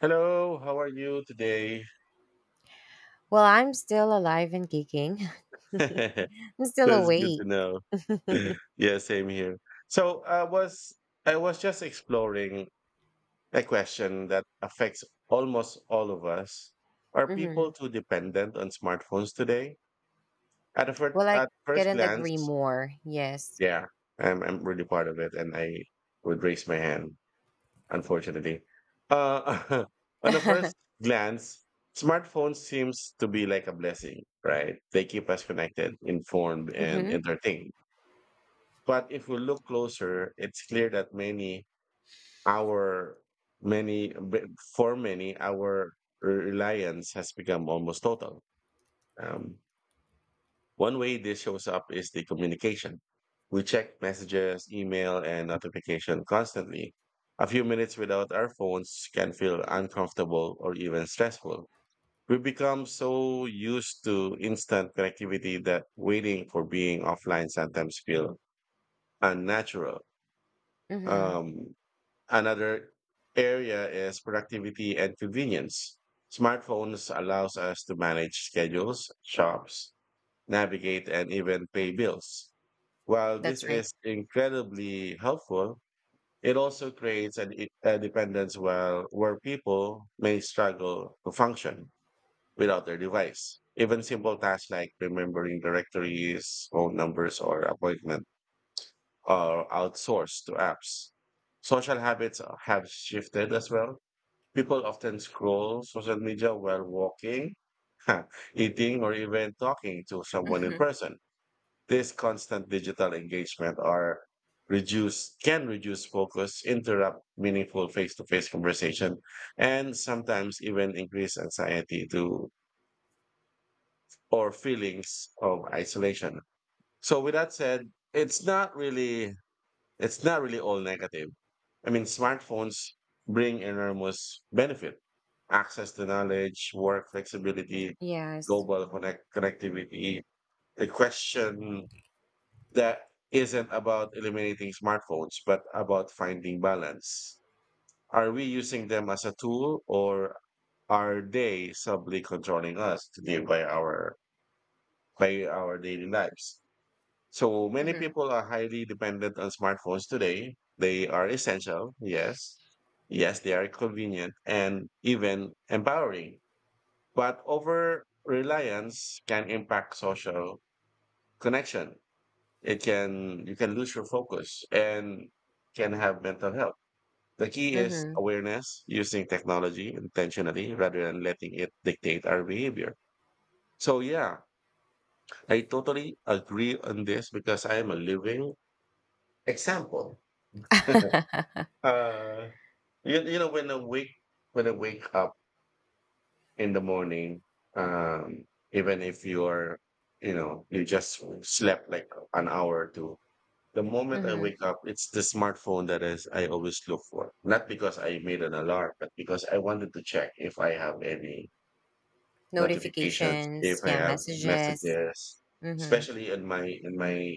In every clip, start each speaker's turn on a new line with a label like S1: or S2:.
S1: Hello, how are you today?
S2: Well, I'm still alive and kicking. I'm still
S1: That's good to
S2: awake.
S1: know. Yeah, same here. So I was I was just exploring a question that affects almost all of us. Are people
S2: Hmm.
S1: too dependent on smartphones today? At a first
S2: Well, I
S1: at first
S2: couldn't agree
S1: glance,
S2: more. Yes.
S1: yeah, I'm really part of it, and I would raise my hand, unfortunately. Uh, on a first glance, smartphones seems to be like a blessing, right? They keep us connected, informed, and
S2: Hmm.
S1: entertained. But if we look closer, it's clear that many our many b- for many our reliance has become almost total. Um, One way this shows up is the communication. We check messages, email, and notification constantly. A few minutes without our phones can feel uncomfortable or even stressful. We become so used to instant connectivity that waiting for being offline sometimes feel unnatural.
S2: Hmm.
S1: Um, Another area is productivity and convenience. Smartphones allows us to manage schedules, shops, navigate, and even pay bills. While this
S2: That's right.
S1: is incredibly helpful, it also creates a dependence where people may struggle to function without their device. Even simple tasks like remembering directories, phone numbers, or appointment are outsourced to apps. Social habits have shifted as well. People often scroll social media while walking, eating, or even talking to someone in
S2: Hmm.
S1: person. This constant digital engagement are reduce can reduce focus, interrupt meaningful face-to-face conversation, and sometimes even increase anxiety to or feelings of isolation. So with that said, it's not really all negative. I mean, smartphones bring enormous benefit, access to knowledge, work flexibility,
S2: Yes.
S1: connectivity. The question that isn't about eliminating smartphones, but about finding balance. Are we using them as a tool, or are they subtly controlling us to live by our daily lives? So many
S2: Hmm.
S1: people are highly dependent on smartphones today. They are essential, yes. Yes, they are convenient and even empowering. But over reliance can impact social connection, it can, you can lose your focus, and can have mental health. The key is
S2: Hmm.
S1: awareness, using technology intentionally rather than letting it dictate our behavior. So yeah, I totally agree on this because I am a living example. uh, you know, when I wake up in the morning, um, even if you're you know you just slept like an hour or two, the moment I
S2: Hmm.
S1: wake up, it's the smartphone that is I always look for. Not because I made an alarm, but because I wanted to check if I have any notifications, if
S2: Notifications.
S1: I
S2: Yeah,
S1: have
S2: messages.
S1: messages,
S2: Hmm.
S1: especially in my in my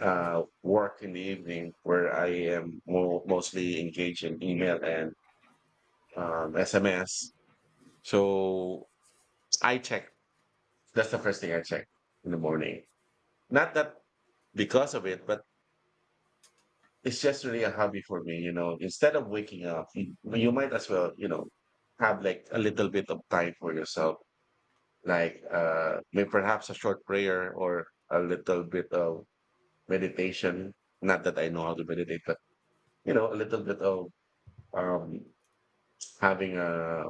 S1: uh, work in the evening where I am mostly engaged in email and SMS. So I check. That's the first thing I check in the morning. Not that because of it, but it's just really a hobby for me, you know. Instead of waking up, you might as well, you know, have like a little bit of time for yourself, like maybe perhaps a short prayer or a little bit of meditation. Not that I know how to meditate, but you know, a little bit of um, having a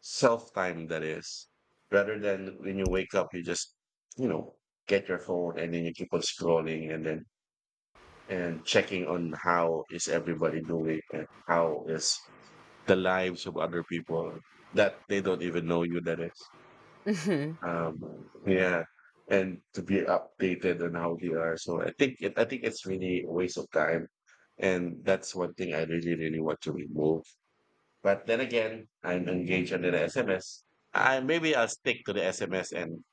S1: self time, that is, rather than when you wake up, you just, you know, get your phone and then you keep on scrolling and then and checking on how is everybody doing and how is the lives of other people that they don't even know you, that is,
S2: Hmm.
S1: um yeah, and to be updated on how they are. So I think it's really a waste of time, and that's one thing I really really want to remove. But then again, I'm engaged under the SMS. I maybe I'll stick to the SMS and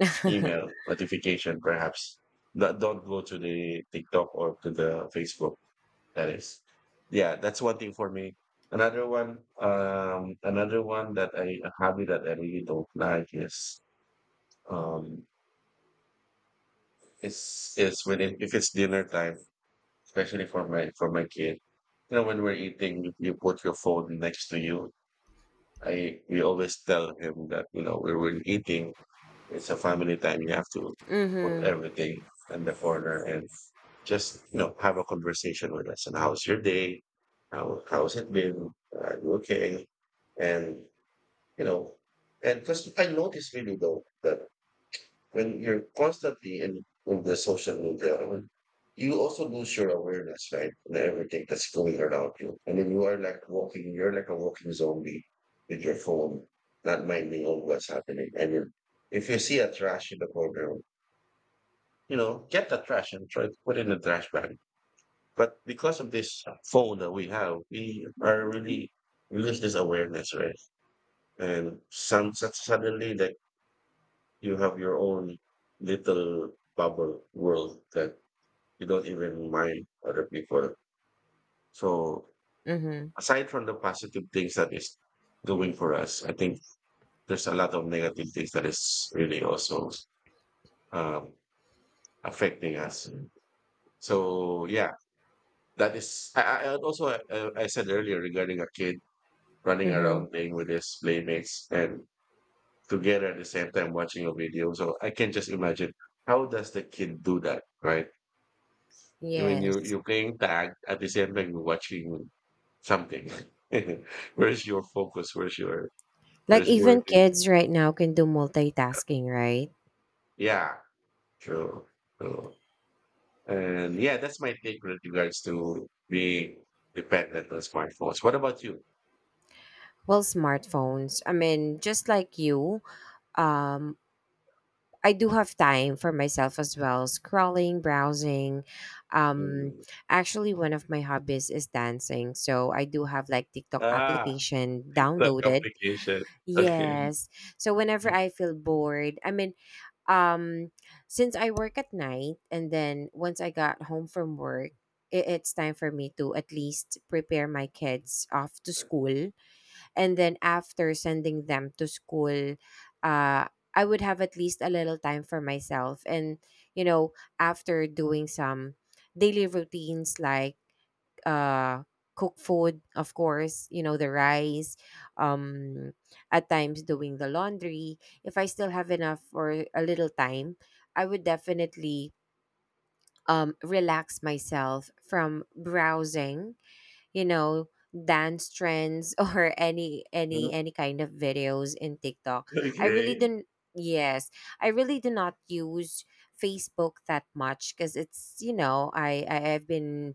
S2: Hmm.
S1: email notification perhaps. Don't go to the TikTok or to the Facebook, that is, yeah, that's one thing for me. Another one that I, a hobby that I really don't like is, um, is when if it's dinner time, especially for my kid. You know, when we're eating, you put your phone next to you. I We always tell him that, you know, when we're eating, it's a family time. You have to put
S2: Hmm.
S1: everything in the corner, and just, you know, have a conversation with us. And how's your day? How's it been? Are you okay? And, you know, and because I noticed really though that when you're constantly in the social media, you also lose your awareness, right? And everything that's going around you. And then you are like walking, you're like a walking zombie with your phone, not minding on what's happening. And if you see a trash in the corner, you know, get the trash and try to put it in the trash bag. But because of this phone that we have, we are really, we lose this awareness, right? And suddenly, like, you have your own little bubble world that you don't even mind other people. So aside from the positive things that is doing for us, I think there's a lot of negative things that is really also um, affecting us. So yeah, that is. I also I said earlier regarding a kid running
S2: Hmm.
S1: around playing with his playmates and together at the same time watching a video. So I can just imagine how does the kid do that, right? I mean, you,
S2: Yes.
S1: you're playing tag at the same time you're watching something. Where's your focus? Where's your
S2: Like
S1: where's where?
S2: even
S1: Do you,
S2: kids right now can do multitasking, right?
S1: Yeah, true, true. And yeah, that's my take with regards to being dependent on smartphones. What about you?
S2: Well, smartphones. I mean, just like you, um I do have time for myself as well, scrolling, browsing. Um
S1: Mm.
S2: Actually, one of my hobbies is dancing. So I do have like TikTok
S1: Ah,
S2: application
S1: TikTok
S2: downloaded.
S1: application. Okay.
S2: Yes. So whenever I feel bored, I mean, um since I work at night and then once I got home from work, it's time for me to at least prepare my kids off to school, and then after sending them to school, uh I would have at least a little time for myself, and you know, after doing some daily routines like, uh cook food, of course, you know, the rice, um at times doing the laundry. If I still have enough or a little time, I would definitely, relax myself from browsing, you know, dance trends or any
S1: Mm.
S2: any any kind of videos in TikTok. I really
S1: Okay.
S2: don't Yes, I really do not use Facebook that much, because it's you know I've been,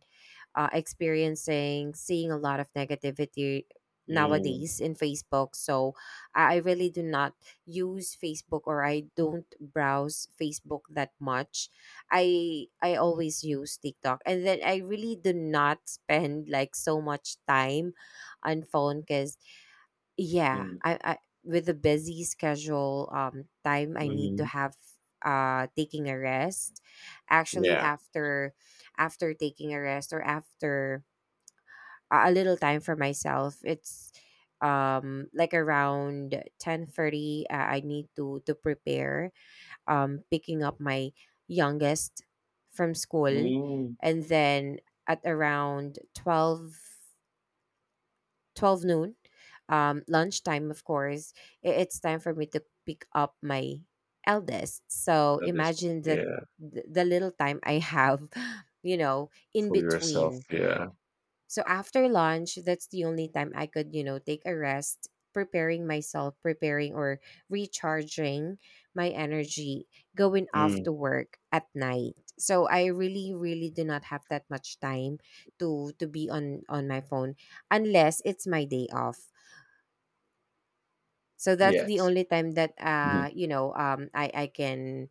S2: experiencing seeing a lot of negativity
S1: Mm.
S2: nowadays in Facebook. So I really do not use Facebook, or I don't browse Facebook that much. I always use TikTok, and then I really do not spend like so much time on phone because, yeah,
S1: Mm,
S2: I with the busy schedule, time I need to
S1: mhm.
S2: have, taking a rest. Actually,
S1: Yeah.
S2: after taking a rest or after a little time for myself, it's like around 10:30, 30, I need to prepare, picking up my youngest from school.
S1: Mm.
S2: And then at around twelve noon, lunchtime, of course, it's time for me to pick up my eldest. So
S1: Love this one.
S2: imagine that
S1: Yeah,
S2: the little time I have, you know, in
S1: for yourself,
S2: between,
S1: yeah.
S2: so after lunch, that's the only time I could, you know, take a rest, preparing myself, preparing or recharging my energy going off
S1: Mm,
S2: to work at night. So I really really do not have that much time to be on my phone unless it's my day off. So that's the
S1: yes.
S2: only time that
S1: Mhm,
S2: I I can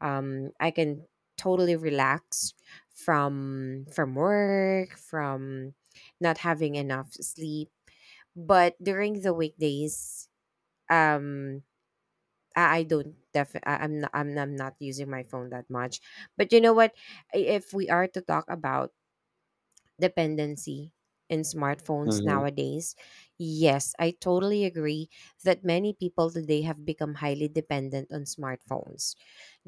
S2: um I can totally relax from work, from not having enough sleep. But during the weekdays, um I don't def I- I'm not using my phone that much. But you know what, if we are to talk about dependency in smartphones
S1: mhm.
S2: nowadays. Yes, I totally agree that many people today have become highly dependent on smartphones.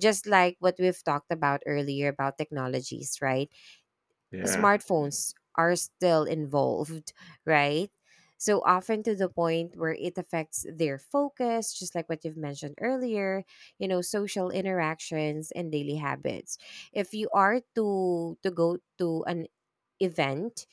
S2: Just like what we've talked about earlier about technologies, right?
S1: Yeah.
S2: Smartphones are still involved, right? So often to the point where it affects their focus, just like what you've mentioned earlier, you know, social interactions and daily habits. If you are to go to an event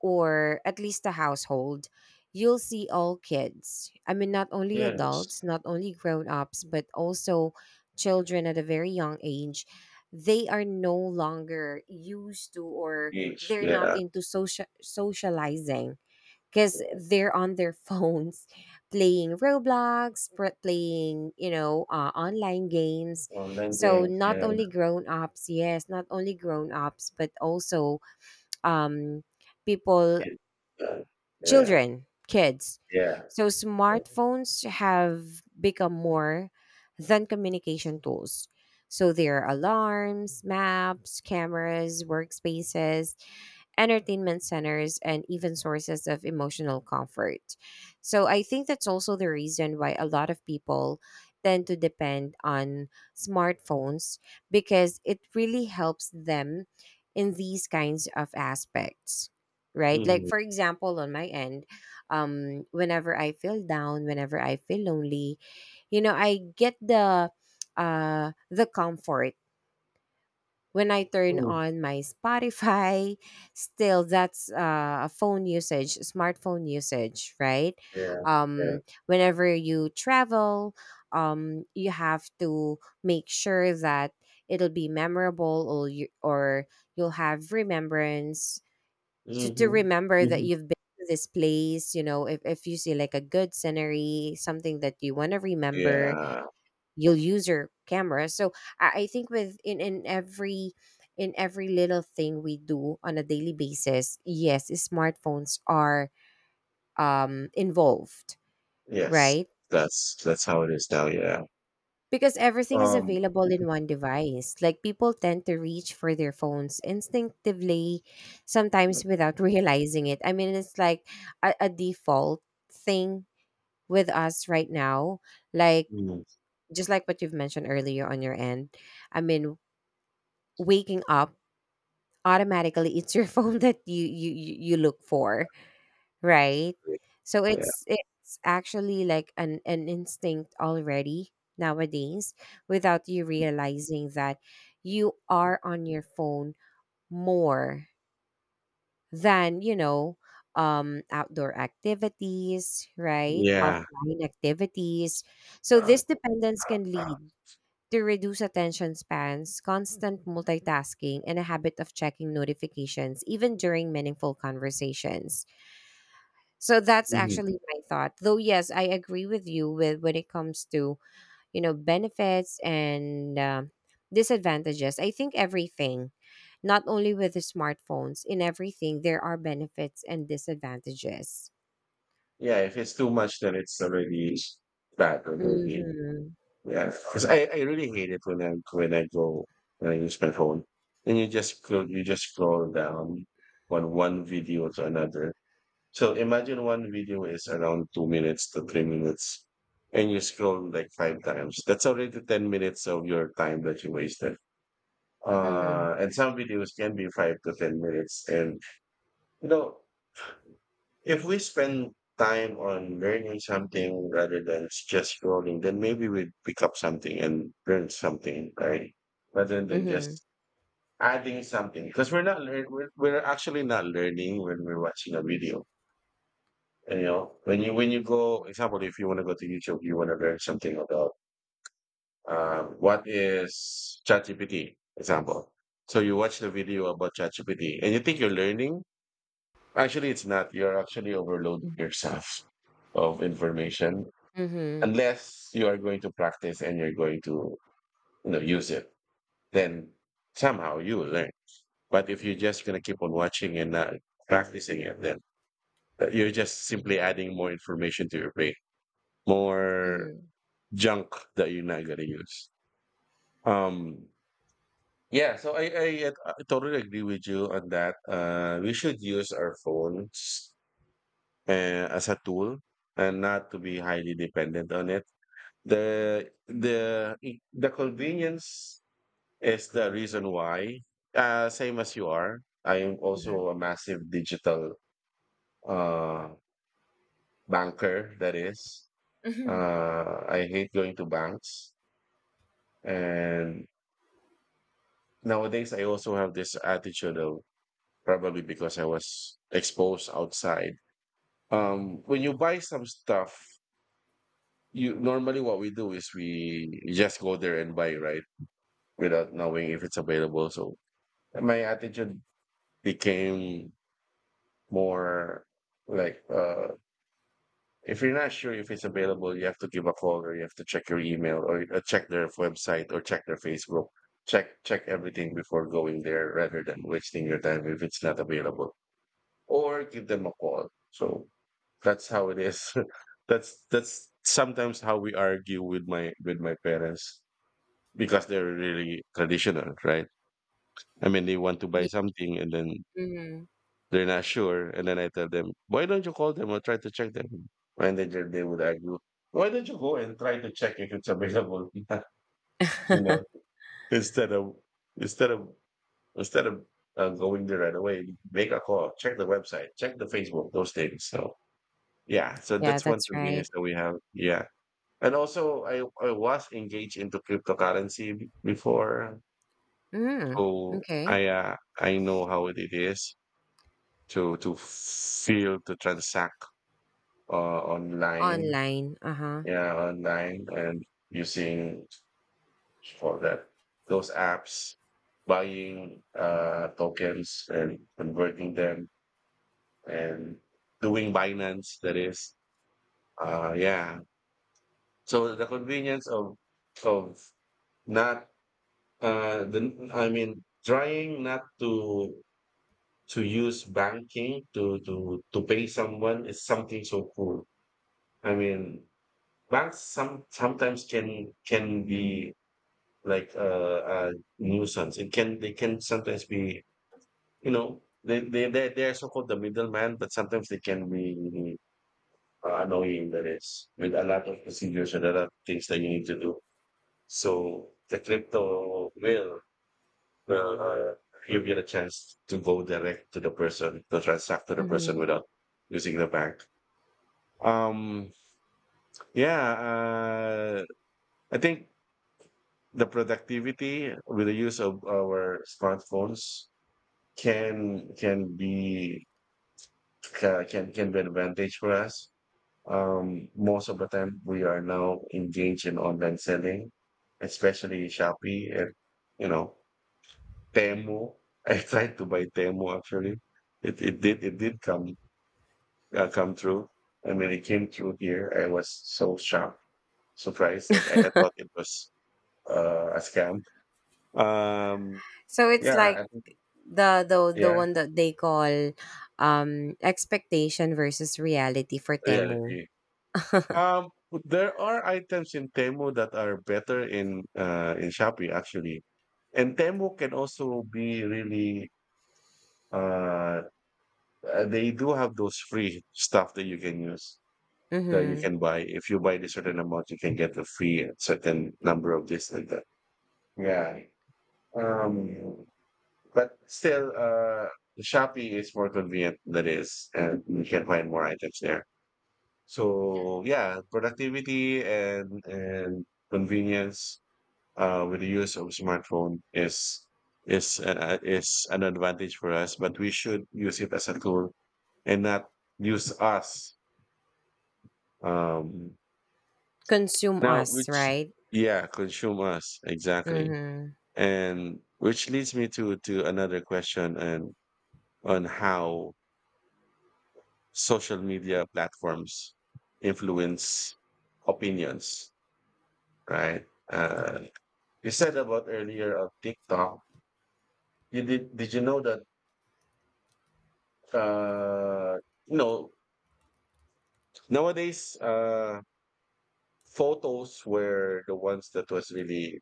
S2: or at least a household, you'll see all kids. I mean, not only
S1: Yes.
S2: adults, not only grown ups, but also children at a very young age. They are no longer used to, or
S1: Beach,
S2: they're not
S1: yeah,
S2: into socializing because
S1: yeah.
S2: they're on their phones playing Roblox, playing, online games.
S1: Online
S2: So
S1: games,
S2: not
S1: yeah.
S2: only grown ups, yes, not only grown ups, but also, um, people,
S1: It yeah, yeah,
S2: children, kids.
S1: yeah.
S2: So smartphones have become more than communication tools. So they are alarms, maps, cameras, workspaces, entertainment centers, and even sources of emotional comfort. So I think that's also the reason why a lot of people tend to depend on smartphones, because it really helps them in these kinds of aspects, right? Like,
S1: Mhm,
S2: for example, on my end, whenever I feel down, whenever I feel lonely, you know, I get the comfort when I turn
S1: mm,
S2: on my Spotify. Still, that's, a phone usage, smartphone usage, right?
S1: yeah, yeah.
S2: Um, whenever you travel, you have to make sure that it'll be memorable, or you'll have remembrance to
S1: Mhm,
S2: remember that
S1: mhm.
S2: you've been to this place. You know, if you see like a good scenery, something that you want to remember,
S1: Yeah.
S2: you'll use your camera. So I think with in every little thing we do on a daily basis, yes, smartphones are, involved,
S1: Yes.
S2: right?
S1: That's how it is now, yeah.
S2: Because everything is
S1: Um,
S2: available in one device. Like, people tend to reach for their phones instinctively, sometimes without realizing it. I mean, it's like a default thing with us right now. Like,
S1: mm,
S2: just like what you've mentioned earlier on your end, I mean, waking up automatically, it's your phone that you look for, right? So
S1: yeah.
S2: it's actually like an instinct already nowadays, without you realizing that you are on your phone more than, you know, outdoor activities, right?
S1: Yeah.
S2: Offline activities. So
S1: Uh,
S2: this dependence can lead to reduce attention spans, constant multitasking, and a habit of checking notifications even during meaningful conversations. So that's
S1: mhm.
S2: actually my thought. Though yes, I agree with you with when it comes to, you know, benefits and, disadvantages. I think everything, not only with the smartphones, in everything there are benefits and disadvantages.
S1: Yeah, if it's too much, then it's already bad already.
S2: Mm-hmm.
S1: Yeah, because I really hate it when I go when I use my phone, and you just scroll down on one video to another. So imagine one video is around 2 minutes to 3 minutes, and you scroll like five times. That's already 10 minutes of your time that you wasted.
S2: Mm-hmm.
S1: And some videos can be 5 to 10 minutes, and you know, if we spend time on learning something rather than just scrolling, then maybe we pick up something and learn something, right? Rather than
S2: Mm-hmm.
S1: just adding something, because we're actually not learning when we're watching a video. You know, when you go, example, if you want to go to YouTube, you want to learn something about what is ChatGPT, example. So you watch the video about ChatGPT, and you think you're learning. Actually, it's not. You're actually overloading yourself of information
S2: Mm-hmm.
S1: unless you are going to practice and you're going to, you know, use it. Then somehow you will learn. But if you're just going to keep on watching and not practicing it, then you're just simply adding more information to your brain, more
S2: Mm-hmm.
S1: junk that you're not going to use. Um, yeah, so I totally agree with you on that. We should use our phones as a tool and not to be highly dependent on it. The convenience is the reason why. Same as you are, I am
S2: Mm-hmm.
S1: also a massive digital uh, banker. That is, I hate going to banks, and nowadays I also have this attitude of, probably because I was exposed outside. When you buy some stuff, you normally, what we do is we just go there and buy, right, without knowing if it's available. So my attitude became more like, uh, if you're not sure if it's available, you have to give a call, or you have to check your email, or check their website, or check their Facebook, check everything before going there rather than wasting your time if it's not available, or give them a call. So that's how it is. That's sometimes how we argue with my parents. Because they're really traditional, right? I mean, they want to buy
S2: Yeah.
S1: something and then
S2: Mm-hmm.
S1: they're not sure, and then I tell them, "Why don't you call them or try to check them?" And then they would argue, "Why don't you go and try to check if it's available?" You know, instead of instead of instead of going there right away, make a call, check the website, check the Facebook, those things. So yeah, so
S2: Yeah,
S1: that's one
S2: that's right.
S1: convenience that we have. Yeah. And also, I was engaged into cryptocurrency before.
S2: Mm.
S1: So
S2: Okay.
S1: I know how it is to feel to transact online,
S2: Online. Uh huh.
S1: yeah, online, and using for that those apps, buying tokens and converting them, and doing Binance. That is. Yeah. So the convenience of not the I mean trying not to use banking to pay someone is something so cool. I mean, banks sometimes can be like a nuisance. It can They can sometimes be, they are so called the middleman, but sometimes they can be annoying. That is, with a lot of procedures and a lot of things that you need to do. So the crypto will Well, you get a chance to go direct to the person, to transact to the person
S2: Mm-hmm.
S1: without using the bank. Um, yeah. uh, I think the productivity with the use of our smartphones can can be can be an advantage for us. Most of the time, we are now engaged in online selling, especially Shopee and, you know Temu. I tried to buy Temu actually. It did come through, and when it came through here, I was so shocked, surprised that I thought it was a scam. Um,
S2: So it's
S1: yeah,
S2: like the
S1: yeah,
S2: one that they call, expectation versus reality for Temu.
S1: reality. Um, there are items in Temu that are better in Shopee actually, and Temu can also be really. Uh, they do have those free stuff that you can use, that you
S2: Mm-hmm.
S1: can buy. If you buy a certain amount, you can get a free a certain number of this and that. Yeah. Um, but still, Shopee is more convenient than is, and you can find more items there. So yeah, productivity and convenience, with the use of smartphone is an advantage for us, but we should use it as a tool and not use us. um,
S2: Consume
S1: Now,
S2: us,
S1: which,
S2: right?
S1: yeah, consumers, exactly.
S2: Mm-hmm.
S1: And which leads me to another question, and on how social media platforms influence opinions, right? You said about earlier of TikTok. You did you know that, uh you know nowadays, photos were the ones that was really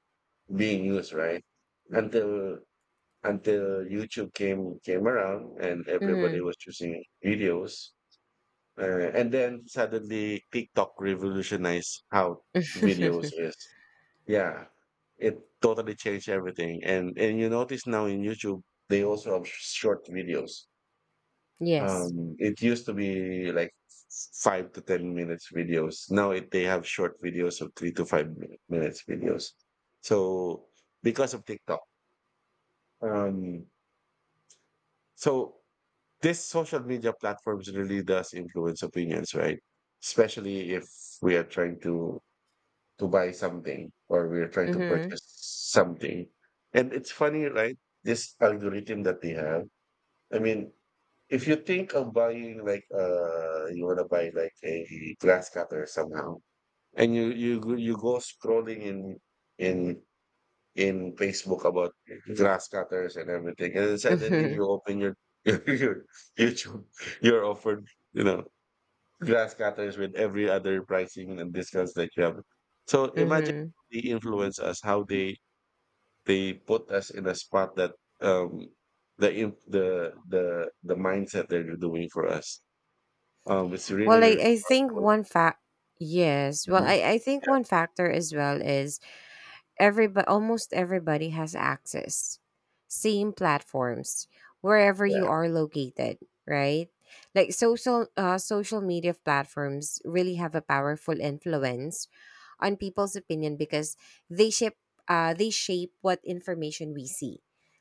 S1: being used, right? Until until YouTube came around, and everybody was choosing videos. And then suddenly TikTok revolutionized how videos
S2: Mm-hmm.
S1: is. Yeah, it totally changed everything. And you notice now in YouTube they also have short videos.
S2: Yes.
S1: It used to be like 5 to 10 minutes videos. Now they have short videos of three to five minutes videos. So, because of TikTok, um, so this social media platforms really does influence opinions, right? Especially if we are trying to buy something, or we are trying to
S2: Mm-hmm.
S1: purchase something. And it's funny, right? This algorithm that they have. I mean, if you think of buying, like, you want to buy like a glass cutter somehow, and you go scrolling in in Facebook about grass cutters and everything, and then suddenly
S2: Mm-hmm.
S1: you open your your YouTube, you're offered, you know, grass cutters with every other pricing and discounts that you have. So, imagine,
S2: Mm-hmm.
S1: they influence us, how they put us in a spot that, um the mindset that they're doing for us. It's really
S2: Well, I,
S1: really
S2: I think
S1: powerful.
S2: one fact, yes. Well,
S1: Mhm.
S2: I think
S1: Yeah,
S2: one factor as well is, everybody, almost everybody has access. Same platforms wherever you
S1: yeah,
S2: are located, right? Like, social media platforms really have a powerful influence on people's opinion, because they shape they shape what information we see,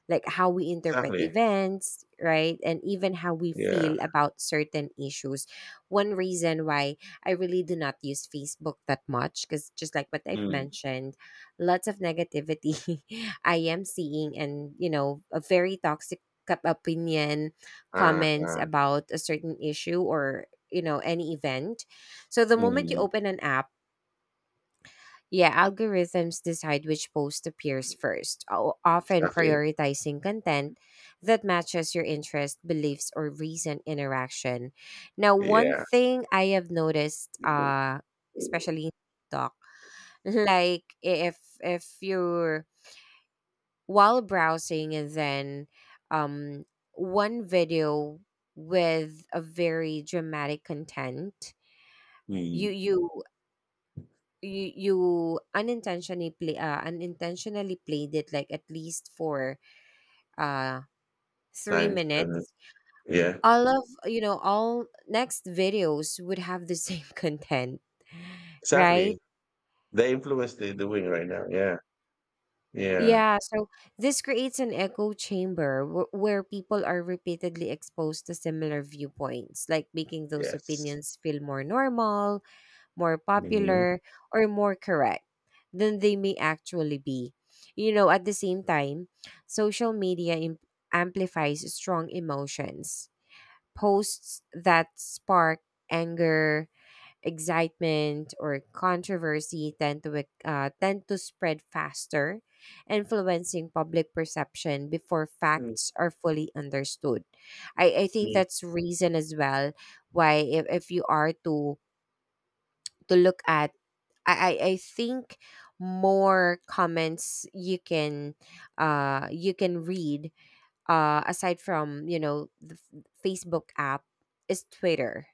S2: like how we interpret
S1: exactly.
S2: events, right, and even how we
S1: Yeah.
S2: feel about certain issues. One reason why I really do not use Facebook that much, because just like what I've
S1: Mm.
S2: mentioned, lots of negativity I am seeing, and you know, a very toxic opinion,
S1: Ah,
S2: comments
S1: ah.
S2: about a certain issue or, you know, any event. So the moment you
S1: Mm.
S2: open an app, yeah, algorithms decide which post appears first, often
S1: Exactly.
S2: prioritizing content that matches your interest, beliefs, or recent interaction. Now, one
S1: Yeah.
S2: thing I have noticed, especially in TikTok, like, if you're while browsing and then, um one video with a very dramatic content, you
S1: Mm.
S2: you you unintentionally played it like at least for, uh
S1: I
S2: three
S1: understand that.
S2: minutes
S1: Yeah,
S2: all of you know all next videos would have the same content, right?
S1: exactly. The influence they're doing right now. Yeah, yeah,
S2: Yeah. So this creates an echo chamber, where people are repeatedly exposed to similar viewpoints, like making those
S1: yes.
S2: opinions feel more normal, more
S1: Mhm.
S2: popular, or more correct than they may actually be. You know, at the same time, social media im- amplifies strong emotions. Posts that spark anger, excitement, or controversy tend to tend to spread faster, influencing public perception before
S1: Mm.
S2: facts are fully understood. I think
S1: Mm.
S2: that's reason as well why, if you are to look at, I think more comments you can, you can read, aside from, you know, the Facebook app is Twitter.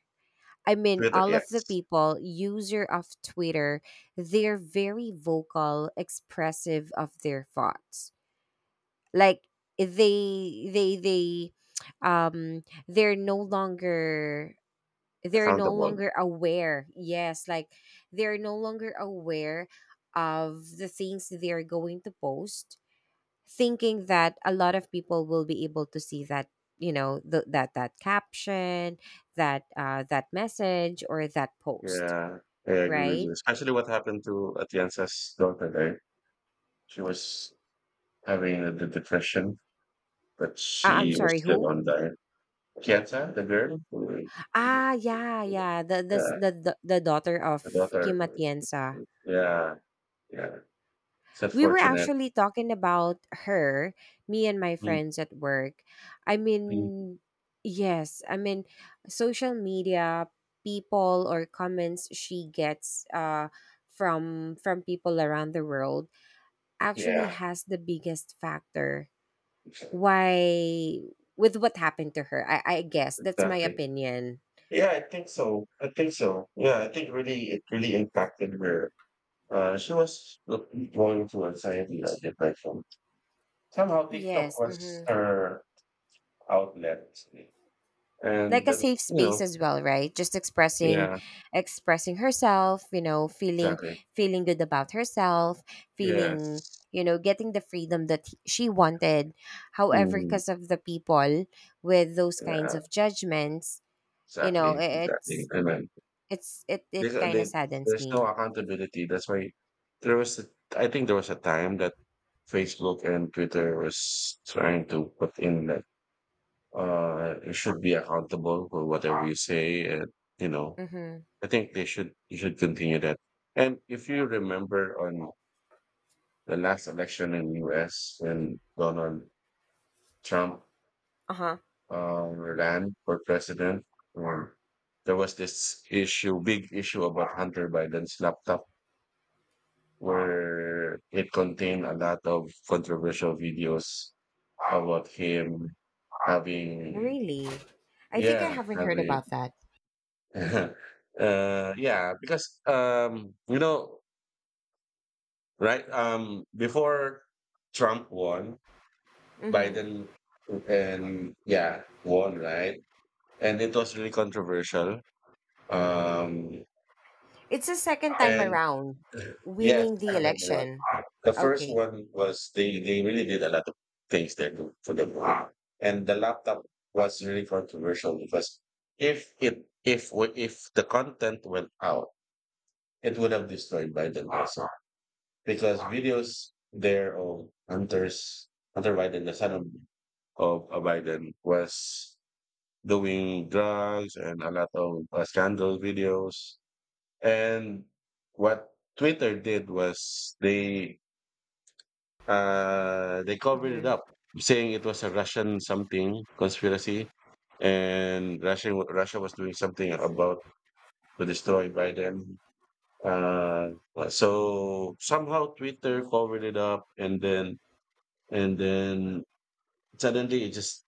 S2: I mean,
S1: Twitter,
S2: all of the
S1: yes.
S2: people user of Twitter, they're very vocal, expressive of their thoughts. Like, they they they they're no longer they're no
S1: Accountable.
S2: longer aware, yes, like, they're no longer aware of the things they're going to post, thinking that a lot of people will be able to see that, you know, that caption, that message, or that post,
S1: Yeah, I agree with you.
S2: right?
S1: Especially what happened to Atienza's daughter there. She was having the depression, but
S2: I'm
S1: she was
S2: sorry,
S1: still
S2: who?
S1: on there. Kianza, the girl?
S2: Ah, yeah, yeah, the the
S1: Yeah,
S2: the, the, the daughter of
S1: the daughter.
S2: Kim Atienza.
S1: Yeah, yeah. It's
S2: We were
S1: unfortunate.
S2: actually talking about her, me and my
S1: Mm,
S2: friends at work. I
S1: mm.
S2: mean, yes, I mean, social media, people or comments she gets, from people around the world, actually
S1: Yeah.
S2: has the biggest factor why with what happened to her. I guess that's my
S1: Exactly.
S2: opinion.
S1: Yeah, I think so. I think so. Yeah, I think, really, it really impacted her. She was going through anxiety and depression. Somehow TikTok
S2: Yes.
S1: was
S2: Mhm.
S1: her outlet, and
S2: Like a
S1: but,
S2: safe space as well, right? Just expressing
S1: yeah,
S2: expressing herself, you know, feeling
S1: exactly.
S2: feeling good about herself, feeling,
S1: Yes.
S2: you know, getting the freedom that she wanted, however,
S1: Mm,
S2: because of the people with those kinds
S1: yeah,
S2: of judgments, you know,
S1: exactly,
S2: i-
S1: exactly.
S2: it's
S1: I mean,
S2: it's it
S1: there's,
S2: it kind of
S1: there-
S2: saddens
S1: there's no
S2: me.
S1: accountability. That's why there was. I think there was a time that Facebook and Twitter was trying to put in, like, you should be accountable for whatever you say, and you know
S2: Mm-hmm.
S1: I think they should you should continue that. And if you remember on the last election in US, when Donald Trump,
S2: Uh-huh.
S1: ran for president, um, there was this issue big issue about Hunter Biden's laptop, where it contained a lot of controversial videos about him having,
S2: Really? I think I
S1: yeah,
S2: haven't heard
S1: having.
S2: about that.
S1: Yeah, because, right? Before Trump won,
S2: Mm-hmm.
S1: Biden and, yeah, won, right? And it was really controversial. Um,
S2: It's the second time
S1: and
S2: around
S1: yes,
S2: winning
S1: the
S2: the
S1: second time around,
S2: election.
S1: the first
S2: Okay.
S1: one was, they really did a lot of things there, for the war, and the laptop was really controversial because if the content went out, it would have destroyed Biden also, because videos there of Hunter Biden, the son of, Biden, was doing drugs and a lot of scandal videos. And what Twitter did was, they covered it
S2: Mm-hmm.
S1: up, saying it was a Russian something conspiracy, and Russia was doing something about to destroy Biden. Uh, so, somehow Twitter covered it up, and then, and then suddenly it just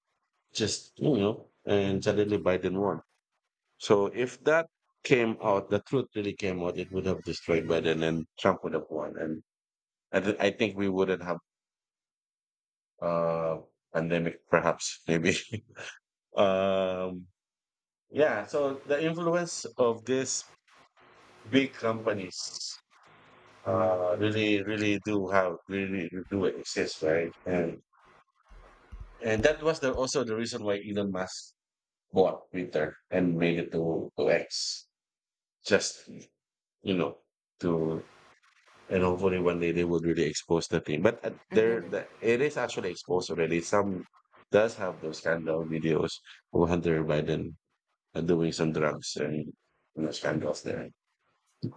S1: just and suddenly Biden won. So if that came out, the truth really came out, it would have destroyed Biden, and Trump would have won. And I think we wouldn't have, uh pandemic perhaps maybe. um yeah, so the influence of these big companies, really really do exist, right. And that was also the reason why Elon Musk bought Twitter and made it to X. Just, you know, to, and hopefully one day they would really expose the thing. But
S2: Mm-hmm.
S1: it is actually exposed already. Some does have those kind of videos of Hunter Biden doing some drugs and no scandals there.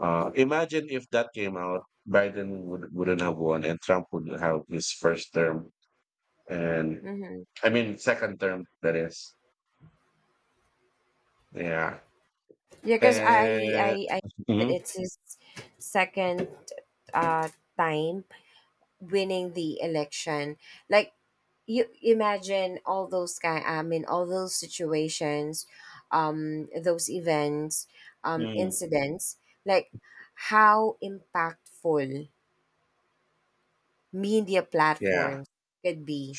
S1: Imagine if that came out, Biden wouldn't have won, and Trump would have his first term, and,
S2: Mm-hmm.
S1: I mean, second term, that is. Yeah.
S2: Yeah, because I, I
S1: And.
S2: I that
S1: Mhm.
S2: it's his second, uh time winning the election. Like, you imagine all those, guy I mean, all those situations, those events,
S1: Mm.
S2: incidents, like how impactful media
S1: Yeah,
S2: platforms could be,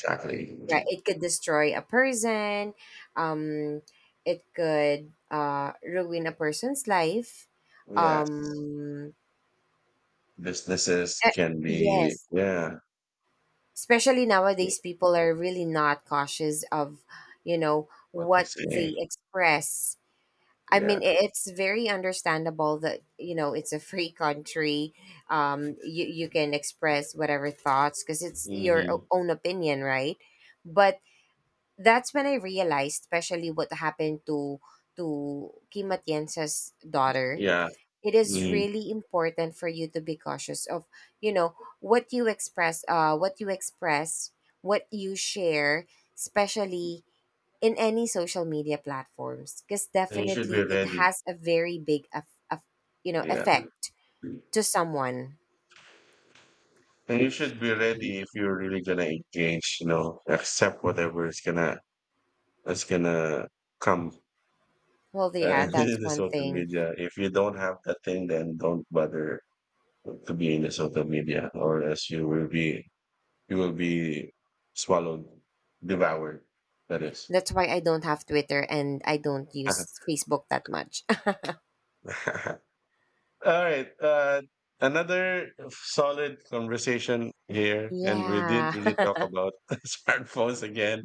S2: right? It could destroy a person, um it could, ruin a person's life.
S1: Yes.
S2: um
S1: Businesses
S2: eh,
S1: can
S2: yes,
S1: be, yeah,
S2: especially nowadays people are really not cautious of, you know,
S1: what they
S2: what
S1: say.
S2: they express. I
S1: Yeah.
S2: mean, it's very understandable that, you know, it's a free country. You can express whatever thoughts, because it's your
S1: Hmm.
S2: own opinion, right? But that's when I realized, especially what happened to Kim Atienza's daughter,
S1: Yeah.
S2: it is
S1: Hmm.
S2: really important for you to be cautious of, you know, what you express, what you share, especially in any social media platforms, because
S1: And you should be
S2: definitely it
S1: ready.
S2: has a very big
S1: Yeah.
S2: effect to someone.
S1: And you should be ready if you're really gonna engage, accept whatever is gonna is gonna come,
S2: Well,
S1: uh,
S2: yeah, that's
S1: in the
S2: one
S1: social
S2: thing.
S1: media. If you don't have that thing, then don't bother to be in the social media, or else you will be, you will be swallowed, devoured. That is.
S2: That's why I don't have Twitter and I don't use Facebook that much.
S1: All right. Another solid conversation here, and we didn't
S2: Yeah.
S1: really talk about smartphones again,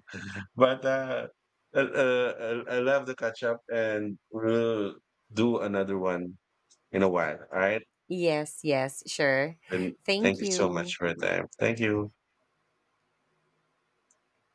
S1: but I love the catch up, and we'll do another one in a while. All right.
S2: Yes, yes, sure.
S1: And thank
S2: Thank
S1: you so much
S2: you.
S1: for your time. Thank you.